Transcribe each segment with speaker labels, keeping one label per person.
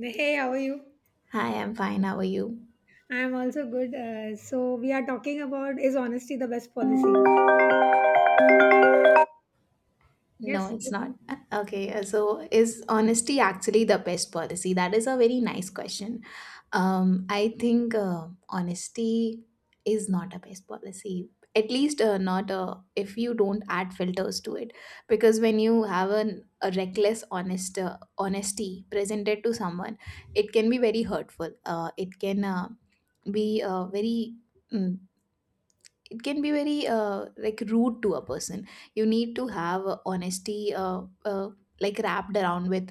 Speaker 1: Hey, how are you?
Speaker 2: Hi, I'm fine. How are you?
Speaker 1: I am also good. So we are talking about, is honesty the best policy?
Speaker 2: No,
Speaker 1: Yes,
Speaker 2: it's not. Okay, so is honesty actually the best policy? That is a very nice question. I think honesty is not a best policy. At least, not if you don't add filters to it. Because when you have a reckless honest honesty presented to someone, it can be very hurtful. It can be very mm, it can be very like rude to a person. You need to have honesty like wrapped around with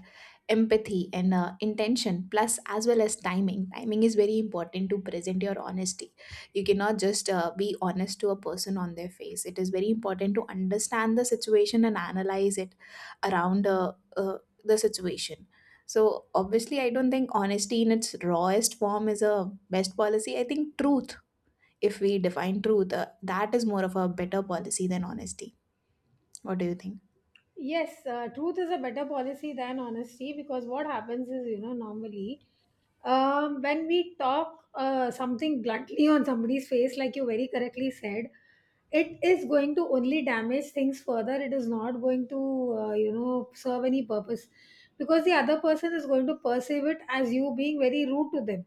Speaker 2: empathy and intention, plus as well as timing. Timing is very important to present your honesty. You cannot just be honest to a person on their face. It is very important to understand the situation and analyze it around uh, the situation. So obviously I don't think honesty in its rawest form is a best policy. I think truth, if we define truth, that is more of a better policy than honesty. What do you think?
Speaker 1: yes. Truth is a better policy than honesty because what happens is, you know, normally, when we talk something bluntly on somebody's face, like you very correctly said, it is going to only damage things further. It is not going to, you know, serve any purpose, because the other person is going to perceive it as you being very rude to them.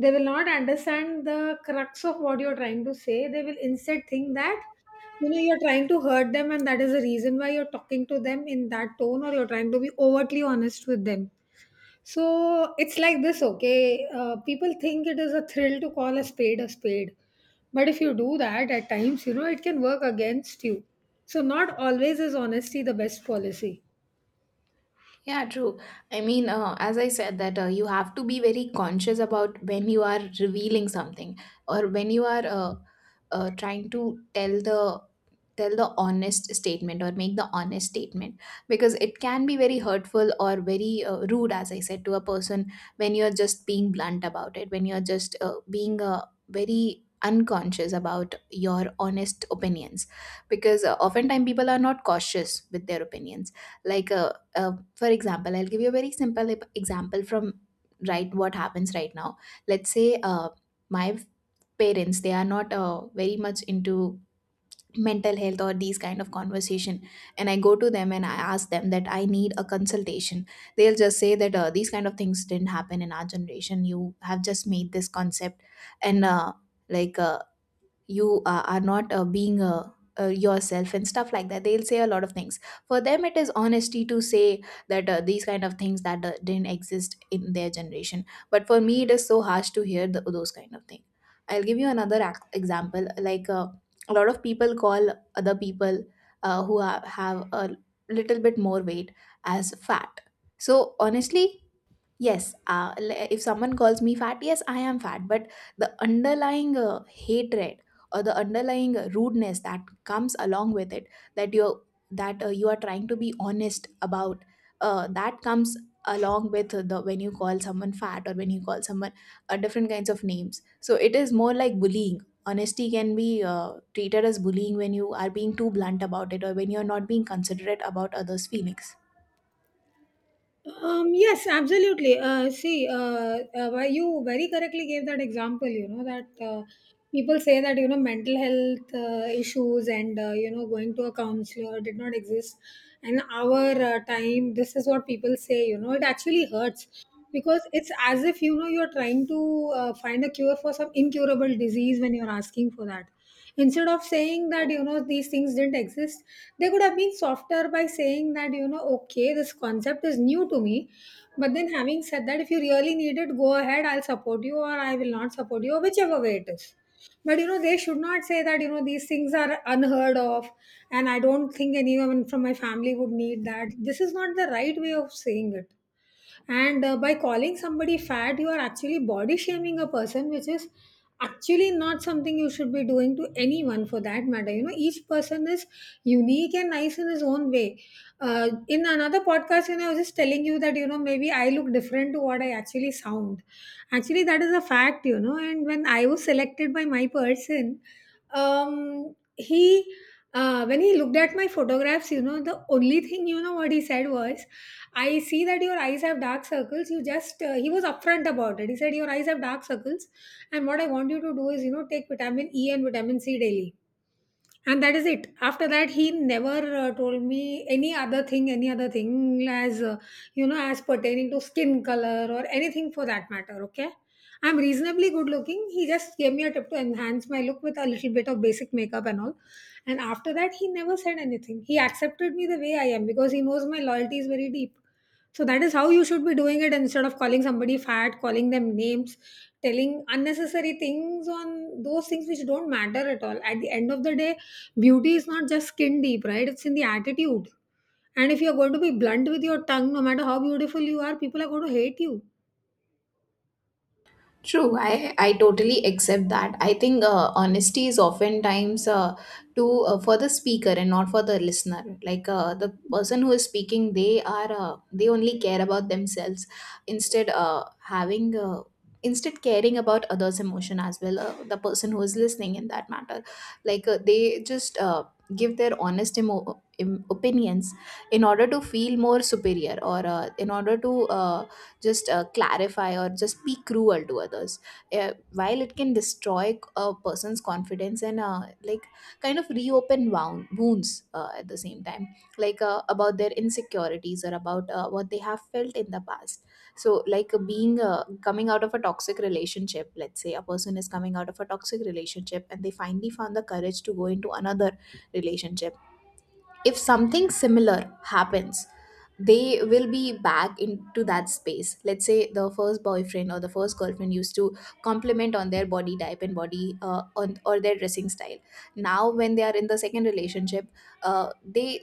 Speaker 1: They will not understand the crux of what you're trying to say. They will instead think that, you know, you're trying to hurt them, and that is the reason why you're talking to them in that tone, or you're trying to be overtly honest with them. So it's like this, okay? People think it is a thrill to call a spade a spade. But if you do that at times, you know, it can work against you. So not always is honesty the best policy.
Speaker 2: Yeah, true. I mean, as I said, that you have to be very conscious about when you are revealing something, or when you are trying to tell the honest statement or make the honest statement, because it can be very hurtful or very rude, as I said, to a person when you're just being blunt about it, when you're just being very unconscious about your honest opinions, because oftentimes people are not cautious with their opinions, like for example, I'll give you a very simple example from right what happens right now. Let's say my parents, they are not very much into mental health or these kind of conversation, and I go to them and I ask them that I need a consultation. They'll just say that these kind of things didn't happen in our generation, you have just made this concept, and like uh, you are not being yourself and stuff like that. They'll say a lot of things. For them it is honesty to say that these kind of things that didn't exist in their generation, but for me it is so harsh to hear th those kind of thing. I'll give you another example, like a lot of people call other people who have a little bit more weight as fat. So honestly, yes, if someone calls me fat, yes, I am fat. But the underlying hatred or the underlying rudeness that comes along with it, that you that you are trying to be honest about, that comes along with the when you call someone fat or when you call someone different kinds of names. So it is more like bullying. Honesty can be treated as bullying when you are being too blunt about it or when you are not being considerate about others' feelings.
Speaker 1: Yes, absolutely. See, why you very correctly gave that example, you know, that people say that, you know, mental health issues and, you know, going to a counselor did not exist. And our time, this is what people say, you know. It actually hurts because it's as if, you know, you're trying to find a cure for some incurable disease when you're asking for that, instead of saying that, you know, these things didn't exist. They could have been softer by saying that, you know, okay, this concept is new to me, but then, having said that, if you really need it, go ahead, I'll support you, or I will not support you, or whichever way it is. But, you know, they should not say that, you know, these things are unheard of. And I don't think anyone from my family would need that. This is not the right way of saying it. And by calling somebody fat, you are actually body shaming a person, which is actually not something you should be doing to anyone, for that matter. You know, each person is unique and nice in his own way. Uh, in another podcast, you know, I was just telling you that, you know, maybe I look different to what I actually sound. Actually, that is a fact, you know. And when I was selected by my person, he, when he looked at my photographs, you know, the only thing, you know, what he said was, I see that your eyes have dark circles. You just, he was upfront about it. He said, Your eyes have dark circles. And what I want you to do is, you know, take vitamin E and vitamin C daily. And that is it. After that, he never told me any other thing, any other thing, as, you know, as pertaining to skin color or anything for that matter. Okay. I'm reasonably good looking. He just gave me a tip to enhance my look with a little bit of basic makeup and all. And after that, he never said anything. He accepted me the way I am because he knows my loyalty is very deep. So that is how you should be doing it, instead of calling somebody fat, calling them names, telling unnecessary things on those things which don't matter at all. At the end of the day, beauty is not just skin deep, right? It's in the attitude. And if you're going to be blunt with your tongue, no matter how beautiful you are, people are going to hate you.
Speaker 2: True, I totally accept that. I think honesty is oftentimes to for the speaker and not for the listener. Like the person who is speaking, they only care about themselves instead having instead caring about others' emotion as well. The person who is listening in that matter, like they just give their opinions in order to feel more superior, or in order to just clarify or just be cruel to others, uh, while it can destroy a person's confidence and like kind of reopen wounds at the same time, like about their insecurities or about what they have felt in the past. So like being coming out of a toxic relationship, let's say a person is coming out of a toxic relationship and they finally found the courage to go into another relationship. If something similar happens, they will be back into that space. Let's say the first boyfriend or the first girlfriend used to compliment on their body type and body on or their dressing style. Now when they are in the second relationship, they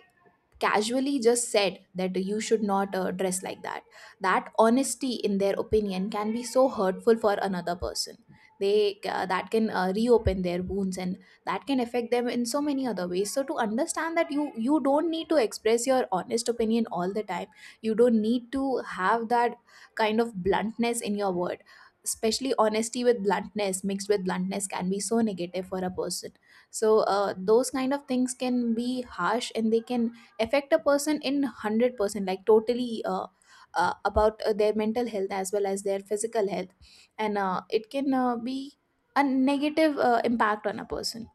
Speaker 2: casually just said that you should not dress like that. That honesty in their opinion can be so hurtful for another person. They That can reopen their wounds, and that can affect them in so many other ways. So to understand that, you don't need to express your honest opinion all the time. You don't need to have that kind of bluntness in your word. Especially honesty with bluntness mixed with bluntness can be so negative for a person. So those kind of things can be harsh, and they can affect a person in 100%, like totally about their mental health as well as their physical health. And it can be a negative impact on a person.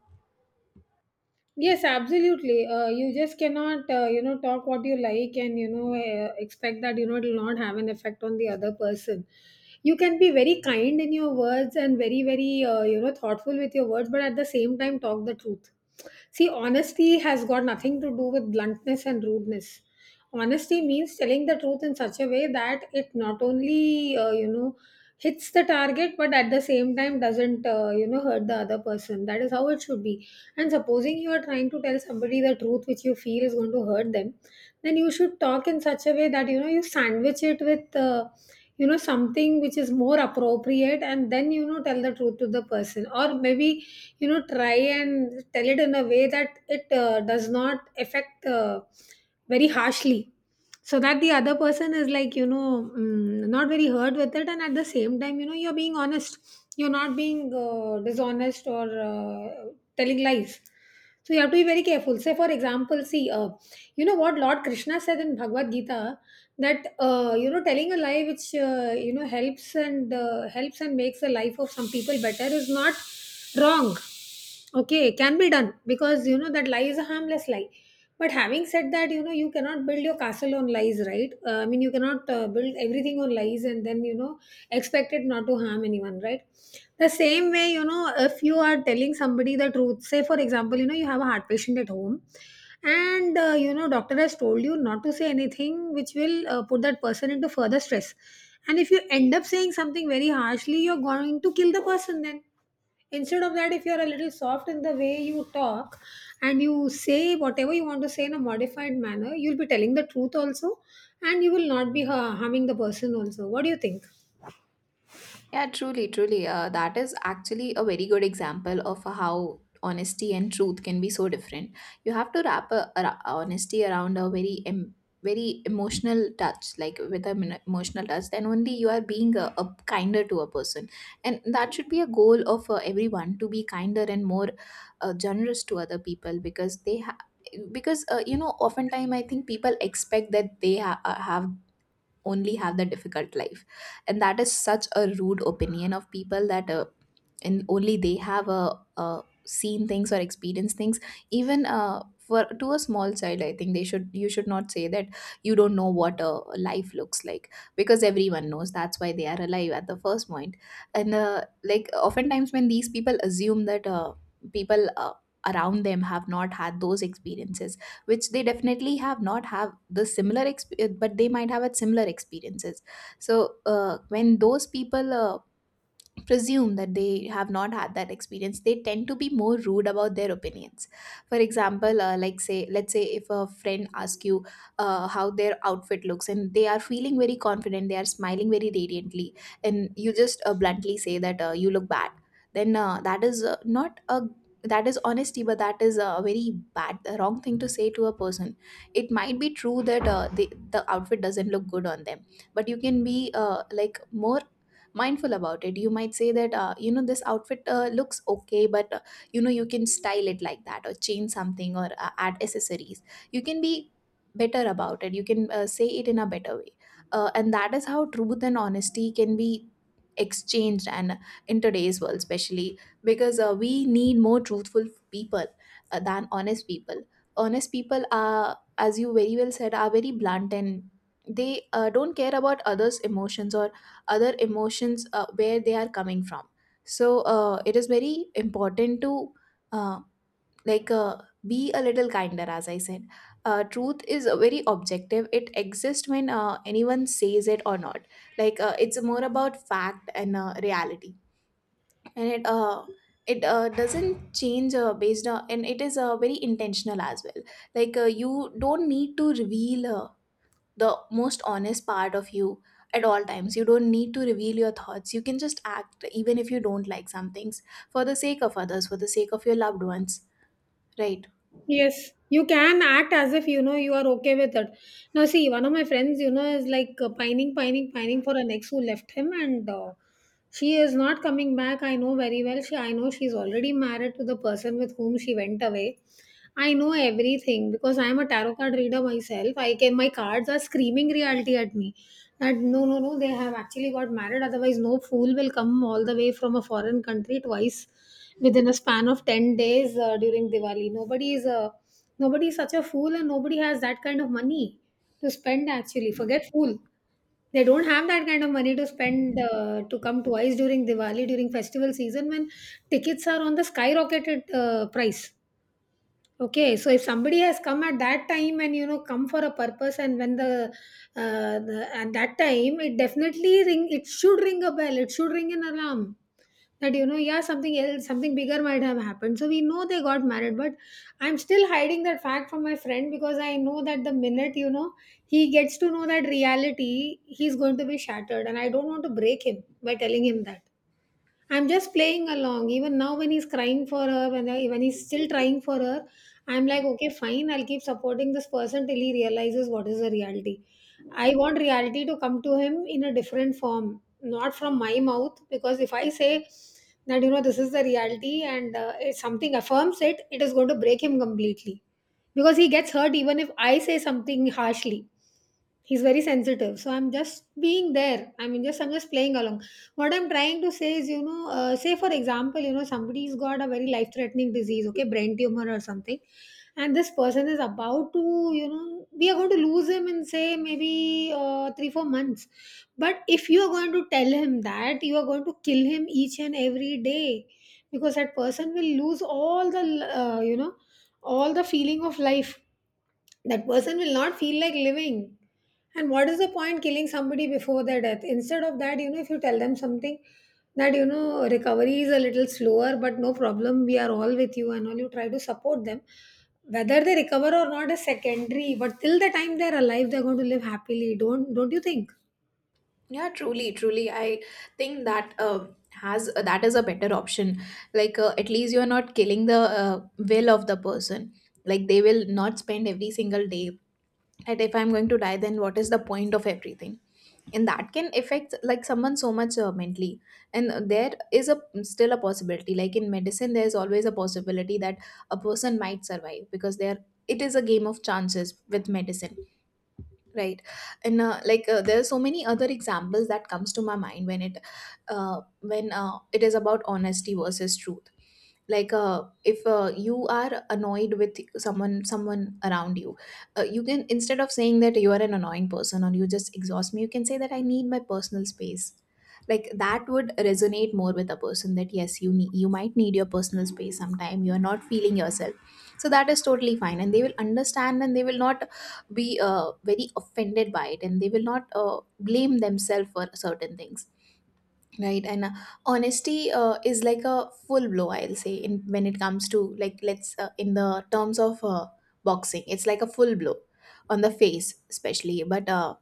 Speaker 1: Yes, absolutely. You just cannot, you know, talk what you like and, you know, expect that, you know, it will not have an effect on the other person. You can be very kind in your words and very, very, you know, thoughtful with your words, but at the same time, talk the truth. See, honesty has got nothing to do with bluntness and rudeness. Honesty means telling the truth in such a way that it not only, you know, hits the target, but at the same time doesn't, you know, hurt the other person. That is how it should be. And supposing you are trying to tell somebody the truth which you feel is going to hurt them, then you should talk in such a way that, you know, you sandwich it with you know, something which is more appropriate, and then, you know, tell the truth to the person. Or maybe, you know, try and tell it in a way that it does not affect very harshly, so that the other person is, like, you know, mm, not very hurt with it, and at the same time, you know, you're being honest. You're not being dishonest or uh, telling lies. So you have to be very careful. Say, for example, see, you know what Lord Krishna said in Bhagavad Gita, that you know, telling a lie which, you know, helps and makes the life of some people better, is not wrong. Okay, can be done, because you know that lie is a harmless lie. But having said that, you know, you cannot build your castle on lies, right? Uh, I mean, you cannot build everything on lies and then, you know, expect it not to harm anyone, right? The same way, you know, if you are telling somebody the truth, say, for example, you know, you have a heart patient at home, and you know, doctor has told you not to say anything which will put that person into further stress, and if you end up saying something very harshly, you're going to kill the person. Then, instead of that, if you're a little soft in the way you talk, and you say whatever you want to say in a modified manner, you'll be telling the truth also, and you will not be harming the person also. What do you think?
Speaker 2: Yeah, truly, truly. That is actually a very good example of how honesty and truth can be so different. You have to wrap honesty around a very emotional touch, like with an emotional touch, then only you are being a kinder to a person, and that should be a goal of everyone, to be kinder and more generous to other people, because because you know oftentimes I think people expect that have only have the difficult life, and that is such a rude opinion of people, that and only they have seen things or experienced things. Even for to a small child, I think they should you should not say that you don't know what a life looks like, because everyone knows, that's why they are alive at the first point. And oftentimes when these people assume that people around them have not had those experiences, which they definitely have not have the similar exp- but they might have had similar experiences. So when those people presume that they have not had that experience, they tend to be more rude about their opinions. For example, like say let's say if a friend asks you how their outfit looks, and they are feeling very confident, they are smiling very radiantly, and you just bluntly say that you look bad, then that is not a that is honesty, but that is a very bad the wrong thing to say to a person. It might be true that the outfit doesn't look good on them, but you can be like more mindful about it. You might say that you know, this outfit looks okay, but you know, you can style it like that, or change something, or add accessories. You can be better about it, you can say it in a better way. And that is how truth and honesty can be exchanged. And in today's world especially, because we need more truthful people than honest people. Honest people are, as you very well said, are very blunt, and they don't care about other emotions, where they are coming from. So it is very important to uh, like uh, be a little kinder, as I said. Truth is very objective, it exists when anyone says it or not. Like it's more about fact and reality, and it it doesn't change based on, and it is very intentional as well. Like you don't need to reveal the most honest part of you at all times. You don't need to reveal your thoughts. You can just act even if you don't like some things, for the sake of others, for the sake of your loved ones, right?
Speaker 1: Yes, you can act as if, you know, you are okay with it. Now, see, one of my friends, you know, is like, pining for an ex who left him, and she is not coming back. I know very well. I know she's already married to the person with whom she went away. I know everything because I am a tarot card reader myself. My cards are screaming reality at me. And no, no, no, they have actually got married. Otherwise, no fool will come all the way from a foreign country twice within a span of 10 days during Diwali. Nobody is such a fool, and nobody has that kind of money to spend, actually. Forget fool. They don't have that kind of money to spend to come twice during Diwali, during festival season, when tickets are on the skyrocketed price. Okay, so if somebody has come at that time and, you know, come for a purpose, and when the at that time, it should ring a bell, it should ring an alarm that, you know, yeah, something else, something bigger might have happened. So we know they got married, but I'm still hiding that fact from my friend because I know that the minute, you know, he gets to know that reality, he's going to be shattered, and I don't want to break him by telling him that. I'm just playing along. Even now, when he's crying for her, when he's still trying for her, I'm like, okay, fine. I'll keep supporting this person till he realizes what is the reality. I want reality to come to him in a different form, not from my mouth. Because if I say that, you know, this is the reality, and it's something affirms it, it is going to break him completely because he gets hurt even if I say something harshly. He's very sensitive, so I'm just being there. I mean, just I'm just playing along. What I'm trying to say is, you know, say, for example, you know, somebody's got a very life-threatening disease, okay, brain tumor or something, and this person is about to, you know, we are going to lose him in, say, maybe 3, 4 months. But if you are going to tell him that, you are going to kill him each and every day, because that person will lose all the, you know, all the feeling of life. That person will not feel like living. And what is the point killing somebody before their death? Instead of that, you know, if you tell them something that, you know, recovery is a little slower, but no problem, we are all with you and all, you try to support them. Whether they recover or not is secondary, but till the time they're alive, they're going to live happily. Don't you think?
Speaker 2: Yeah, truly, truly. I think that has that is a better option. Like at least you're not killing the will of the person. Like they will not spend every single day that if I'm going to die, then what is the point of everything, and that can affect like someone so much mentally. And there is a still a possibility, like in medicine there's always a possibility that a person might survive, because there it is a game of chances with medicine, right? And there are so many other examples that comes to my mind when it is about honesty versus truth. Like if you are annoyed with someone around you, you can, instead of saying that you are an annoying person or you just exhaust me, you can say that I need my personal space. Like that would resonate more with a person, that yes, you might need your personal space sometime, you are not feeling yourself, so that is totally fine. And they will understand, and they will not be very offended by it, and they will not blame themselves for certain things, right? and honesty is like a full blow, I'll say, in when it comes to, like, let's in the terms of boxing, it's like a full blow on the face especially. But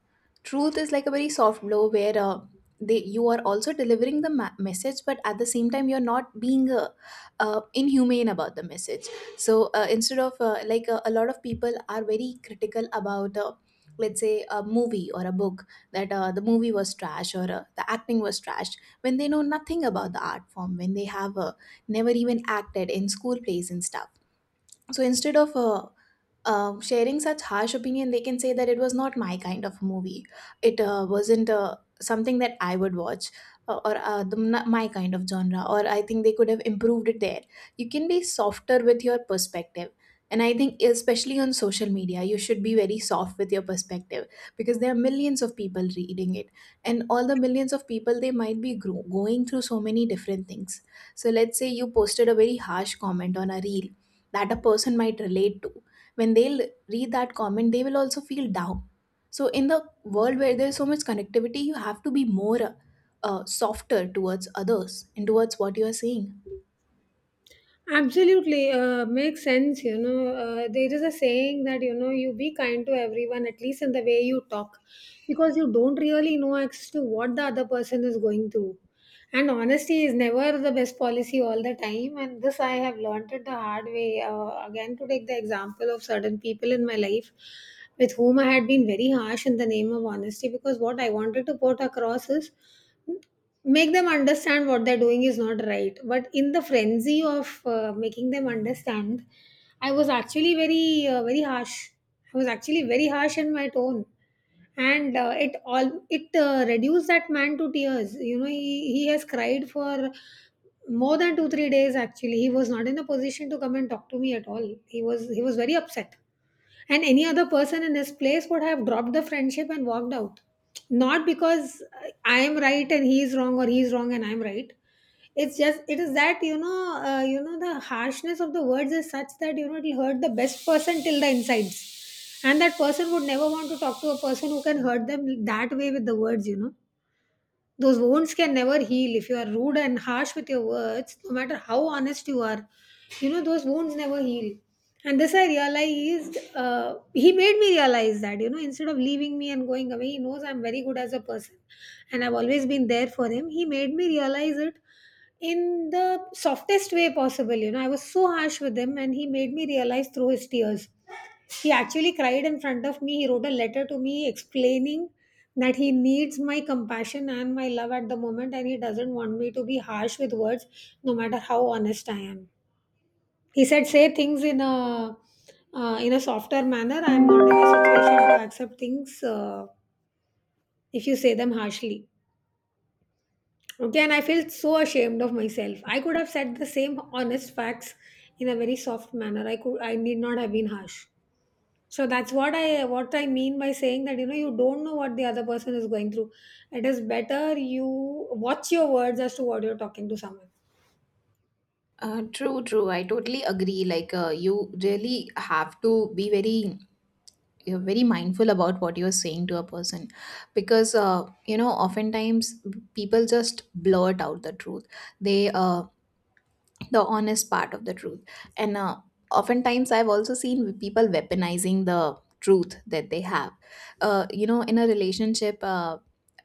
Speaker 2: truth is like a very soft blow, where they you are also delivering the message, but at the same time you're not being inhumane about the message. So instead of like a lot of people are very critical about let's say a movie or a book, that the movie was trash or the acting was trash, when they know nothing about the art form, when they have never even acted in school plays and stuff. So instead of sharing such harsh opinion, they can say that it was not my kind of movie, it wasn't something that I would watch. Or the, my kind of genre, or I think they could have improved it there. You can be softer with your perspective. And I think especially on social media you should be very soft with your perspective, because there are millions of people reading it, and all the millions of people, they might be going through so many different things. So let's say you posted a very harsh comment on a reel that a person might relate to. When they'll read that comment, they will also feel down. So in the world where there's so much connectivity, you have to be more softer towards others and towards what you are saying.
Speaker 1: Absolutely, makes sense. You know, there is a saying that, you know, you be kind to everyone, at least in the way you talk, because you don't really know as to what the other person is going through. And honesty is never the best policy all the time. And this I have learned it the hard way. Again, to take the example of certain people in my life with whom I had been very harsh in the name of honesty, because what I wanted to put across is make them understand what they're doing is not right, but in the frenzy of making them understand, I was actually very harsh. I was actually very harsh in my tone. And it all it reduced that man to tears. You know, he has cried for more than 2 3 days. Actually, he was not in a position to come and talk to me at all. He was very upset, and any other person in his place would have dropped the friendship and walked out. Not because I am right and he is wrong, or he is wrong and I am right. It's just, it is that, you know, you know, the harshness of the words is such that, you know, it'll hurt the best person till the insides. And that person would never want to talk to a person who can hurt them that way with the words. You know, those wounds can never heal if you are rude and harsh with your words, no matter how honest you are. You know, those wounds never heal. And this I realized, he made me realize that, you know, instead of leaving me and going away, he knows I'm very good as a person and I've always been there for him. He made me realize it in the softest way possible. You know, I was so harsh with him, and he made me realize through his tears. He actually cried in front of me. He wrote a letter to me explaining that he needs my compassion and my love at the moment, and he doesn't want me to be harsh with words no matter how honest I am. He said, say things in a softer manner. I'm not in a situation to accept things if you say them harshly. Okay, and I feel so ashamed of myself. I could have said the same honest facts in a very soft manner. I need not have been harsh. So that's what I mean by saying that, you know, you don't know what the other person is going through. It is better you watch your words as to what you're talking to someone.
Speaker 2: True, true. I totally agree. Like, you really have to be very, you're very mindful about what you're saying to a person, because you know, oftentimes people just blurt out the truth. They um the honest part of the truth. And oftentimes I've also seen people weaponizing the truth that they have. You know, in a relationship,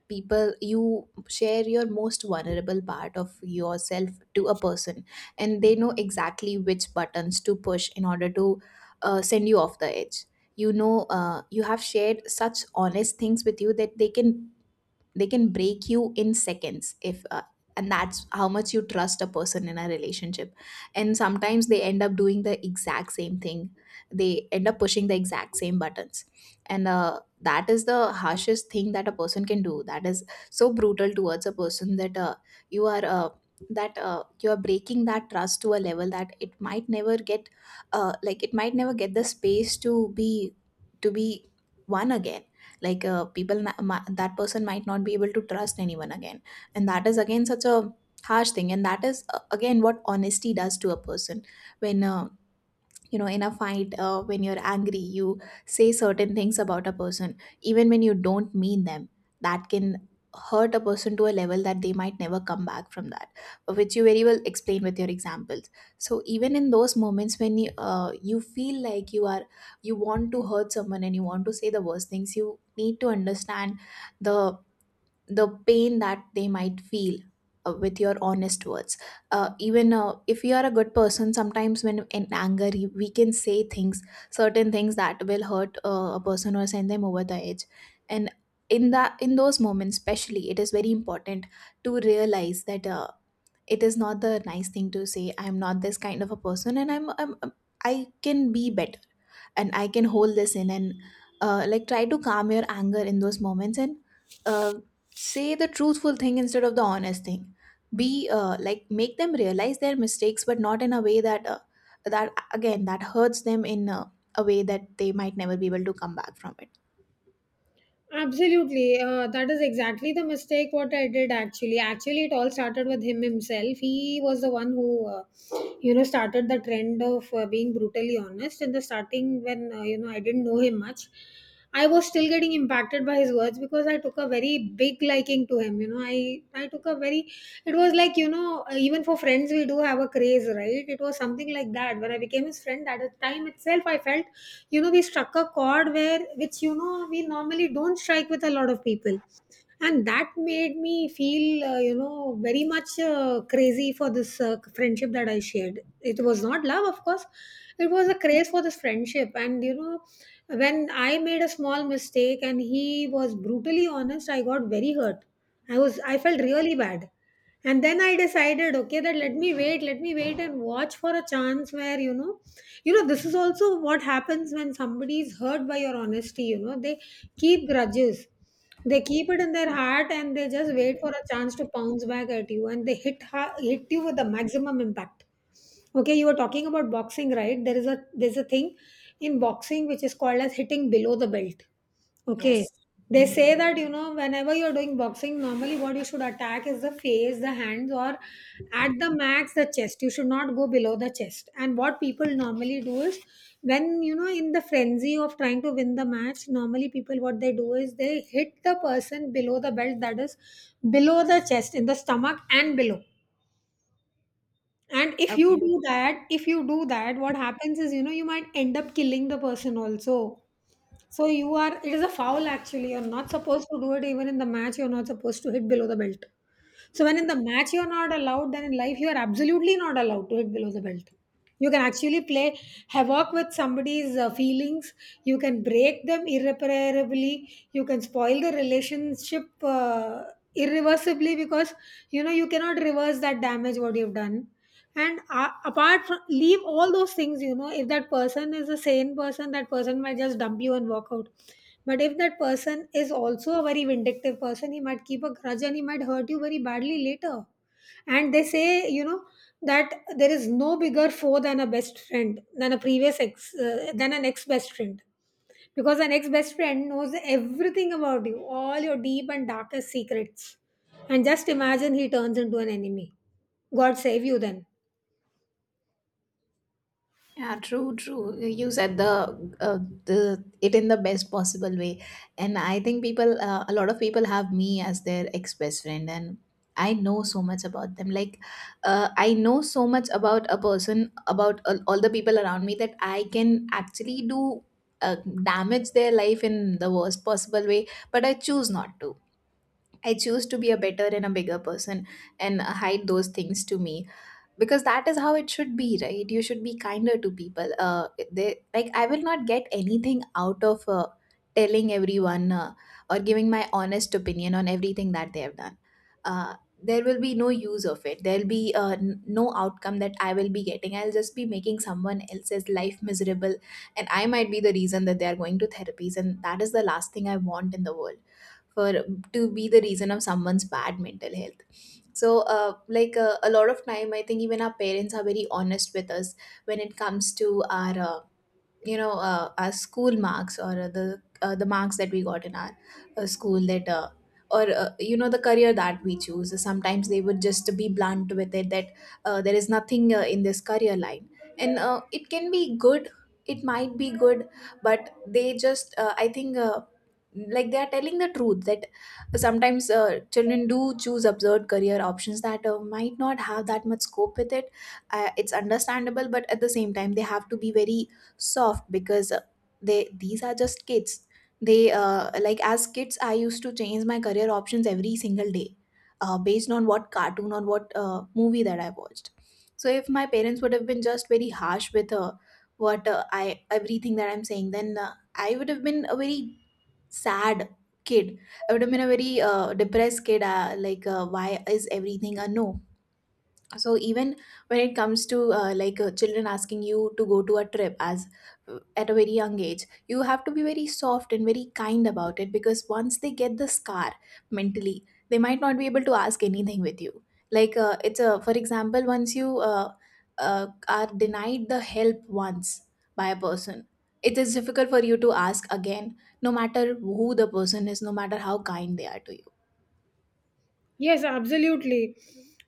Speaker 2: people you share your most vulnerable part of yourself to a person, and they know exactly which buttons to push in order to send you off the edge. You know, you have shared such honest things with you that they can, they can break you in seconds, if and that's how much you trust a person in a relationship. And sometimes they end up doing the exact same thing, they end up pushing the exact same buttons. And that is the harshest thing that a person can do, that is so brutal towards a person, that you are uh,, that you are breaking that trust to a level that it might never get, like it might never get the space to be, to be one again. Like people that person might not be able to trust anyone again. And that is again such a harsh thing, and that is again what honesty does to a person. When you know, in a fight, when you're angry, you say certain things about a person even when you don't mean them, that can hurt a person to a level that they might never come back from that, which you very well explain with your examples. So even in those moments when you feel like you are, you want to hurt someone and you want to say the worst things, you need to understand the the pain that they might feel with your honest words. Even if you are a good person, sometimes when in anger we can say things, certain things that will hurt a person or send them over the edge. And in that, in those moments especially, it is very important to realize that it is not the nice thing to say. I'm not this kind of a person, and I'm I can be better, and I can hold this in, and like try to calm your anger in those moments, and uh, say the truthful thing instead of the honest thing. Be like, make them realize their mistakes, but not in a way that again that hurts them in a way that they might never be able to come back from it.
Speaker 1: Absolutely. That is exactly the mistake what I did. Actually. Actually, it all started with him himself. He was the one who, you know, started the trend of being brutally honest. In the starting, when, you know, I didn't know him much, I was still getting impacted by his words because I took a very big liking to him. You know, I took a very, it was like, you know, even for friends, we do have a craze, right? It was something like that. When I became his friend, at a time itself, I felt, you know, we struck a chord where which, you know, we normally don't strike with a lot of people. And that made me feel, you know, very much crazy for this friendship that I shared. It was not love, of course. It was a craze for this friendship. And, you know, when I made a small mistake and he was brutally honest, I got very hurt. I felt really bad. And then I decided, okay, that let me wait and watch for a chance where, you know, this is also what happens when somebody is hurt by your honesty. You know, they keep grudges. They keep it in their heart and they just wait for a chance to pounce back at you, and they hit you with the maximum impact. Okay, you were talking about boxing, right? There's a thing in boxing which is called as hitting below the belt. Okay.
Speaker 2: Yes.
Speaker 1: They say that, you know, whenever you're doing boxing, normally what you should attack is the face, the hands, or at the max the chest. You should not go below the chest. And what people normally do is, when, you know, in the frenzy of trying to win the match, normally people what they do is they hit the person below the belt, that is below the chest, in the stomach and below. And
Speaker 2: Okay.
Speaker 1: if you do that, what happens is, you know, you might end up killing the person also. So you are, it is a foul, actually. You're not supposed to do it. Even in the match you're not supposed to hit below the belt. So when in the match you're not allowed, then in life you are absolutely not allowed to hit below the belt. You can actually play havoc with somebody's feelings. You can break them irreparably. You can spoil the relationship irreversibly, because, you know, you cannot reverse that damage what you've done. And apart from, leave all those things, you know, if that person is a sane person, that person might just dump you and walk out. But if that person is also a very vindictive person, he might keep a grudge and he might hurt you very badly later. And they say, you know, that there is no bigger foe than a best friend, than a previous ex than an ex best friend. Because an ex best friend knows everything about you, all your deep and darkest secrets. And just imagine he turns into an enemy. God save you then.
Speaker 2: Yeah, true, true. You said uh, the it in the best possible way, and I think a lot of people have me as their ex best friend, and I know so much about them. Like, I know so much about a person, about all the people around me, that I can actually do uh, damage their life in the worst possible way, but I choose not to. I choose to be a better and a bigger person and hide those things to me, because that is how it should be, right? You should be kinder to people. They like I will not get anything out of telling everyone or giving my honest opinion on everything that they have done. uh there will be no use of it. There'll be no outcome that I will be getting. I'll just be making someone else's life miserable, and I might be the reason that they are going to therapies, and that is the last thing I want in the world, for to be the reason of someone's bad mental health. So a lot of time I think even our parents are very honest with us when it comes to our you know our school marks, or the marks that we got in our school, that or you know, the career that we choose. Sometimes they would just be blunt with it, that there is nothing in this career line, and it can be good, it might be good. But they just I think like, they are telling the truth, that sometimes children do choose absurd career options that might not have that much scope with it. It's understandable, but at the same time they have to be very soft, because they these are just kids. They like, as kids I used to change my career options every single day, based on what cartoon or what movie that I watched. So if my parents would have been just very harsh with what I everything that I'm saying, then I would have been a very sad kid. I would have been a very depressed kid. Why is everything a no? So even when it comes to children asking you to go to a trip as at a very young age, you have to be very soft and very kind about it, because once they get the scar mentally, they might not be able to ask anything with you. Like it's a, for example, once you are denied the help once by a person, it is difficult for you to ask again, no matter who the person is, no matter how kind they are to you.
Speaker 1: Yes, absolutely.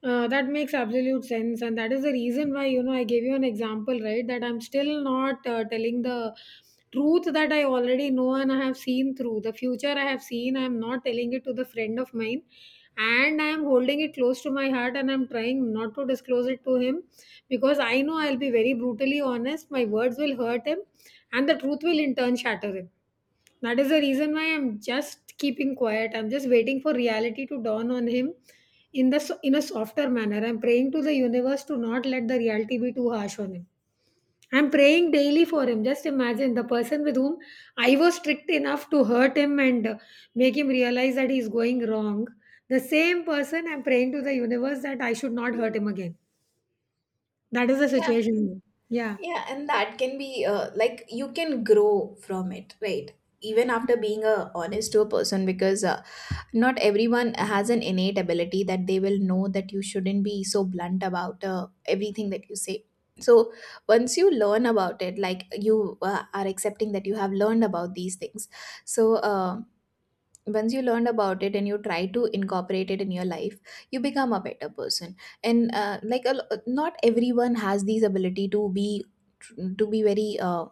Speaker 1: That makes absolute sense, and that is the reason why, you know, I gave you an example, right? That I'm still not telling the truth that I already know and I have seen through the future. I have seen. I'm not telling it to the friend of mine, and I'm holding it close to my heart, and I'm trying not to disclose it to him, because I know I'll be very brutally honest. My words will hurt him, and the truth will in turn shatter him. That is the reason why I'm just keeping quiet. I'm just waiting for reality to dawn on him in the in a softer manner. I'm praying to the universe to not let the reality be too harsh on him. I'm praying daily for him. Just imagine the person with whom I was strict enough to hurt him and make him realize that he's going wrong. The same person I'm praying to the universe that I should not hurt him again. That is the
Speaker 2: Yeah.
Speaker 1: situation. Yeah.
Speaker 2: Yeah, and that can be like, you can grow from it, right? Even after being a honest to a person, because not everyone has an innate ability that they will know that you shouldn't be so blunt about everything that you say. So once you learn about it, like you are accepting that you have learned about these things, so. um once you learn about it and you try to incorporate it in your life, you become a better person. And not everyone has these ability to be, to be very uh,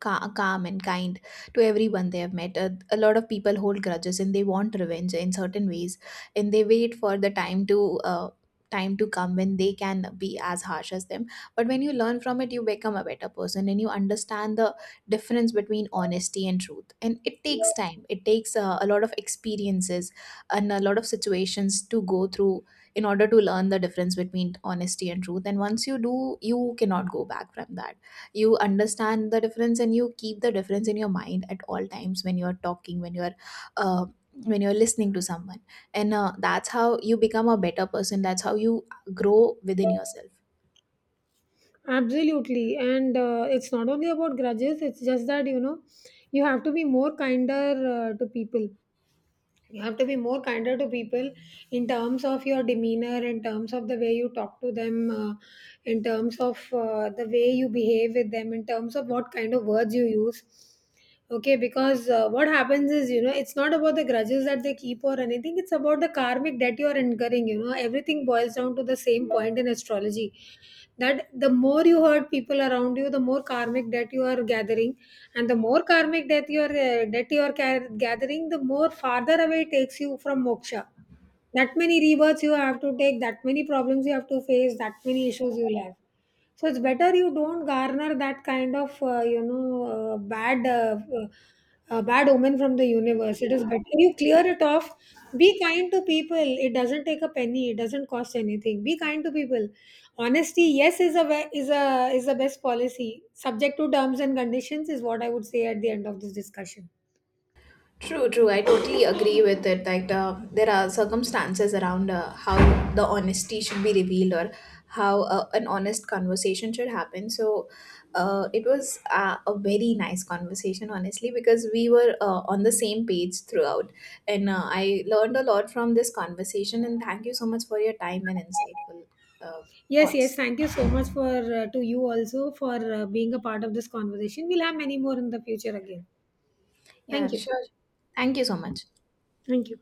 Speaker 2: ca- calm and kind to everyone they have met. A lot of people hold grudges and they want revenge in certain ways, and they wait for the time to come when they can be as harsh as them. But when you learn from it, you become a better person, and you understand the difference between honesty and truth. And it takes time, it takes a lot of experiences and a lot of situations to go through in order to learn the difference between honesty and truth. And once you do, you cannot go back from that. You understand the difference, and you keep the difference in your mind at all times, when you're talking, uh, when you're listening to someone. And that's how you become a better person, that's how you grow within yourself.
Speaker 1: Absolutely. And it's not only about grudges. It's just that, you know, you have to be more kinder to people. You have to be more kinder to people in terms of your demeanor, in terms of the way you talk to them, in terms of the way you behave with them, in terms of what kind of words you use. Okay, because what happens is, you know, it's not about the grudges that they keep or anything. It's about the karmic debt you are incurring. You know, everything boils down to the same point in astrology, that the more you hurt people around you, the more karmic debt you are gathering. And the more karmic debt you are gathering, the more farther away it takes you from moksha. That many rebirths you have to take, that many problems you have to face, that many issues you'll have. So it's better you don't garner that kind of you know, bad omen from the universe. It is better you clear it off. Be kind to people. It doesn't take a penny. It doesn't cost anything. Be kind to people. Honesty, yes, is a ve- is a is the best policy. Subject to terms and conditions is what I would say at the end of this discussion.
Speaker 2: True, true. I totally agree with it. Like there are circumstances around how the honesty should be revealed, or how an honest conversation should happen. So it was a very nice conversation, honestly, because we were on the same page throughout, and I learned a lot from this conversation. And thank you so much for your time and insightful uh,
Speaker 1: Yes, yes.
Speaker 2: thoughts.
Speaker 1: Thank you so much for to you also for being a part of this conversation. We'll have many more in the future again.
Speaker 2: Yeah,
Speaker 1: Thank you.
Speaker 2: sure. Thank you so much.
Speaker 1: Thank you.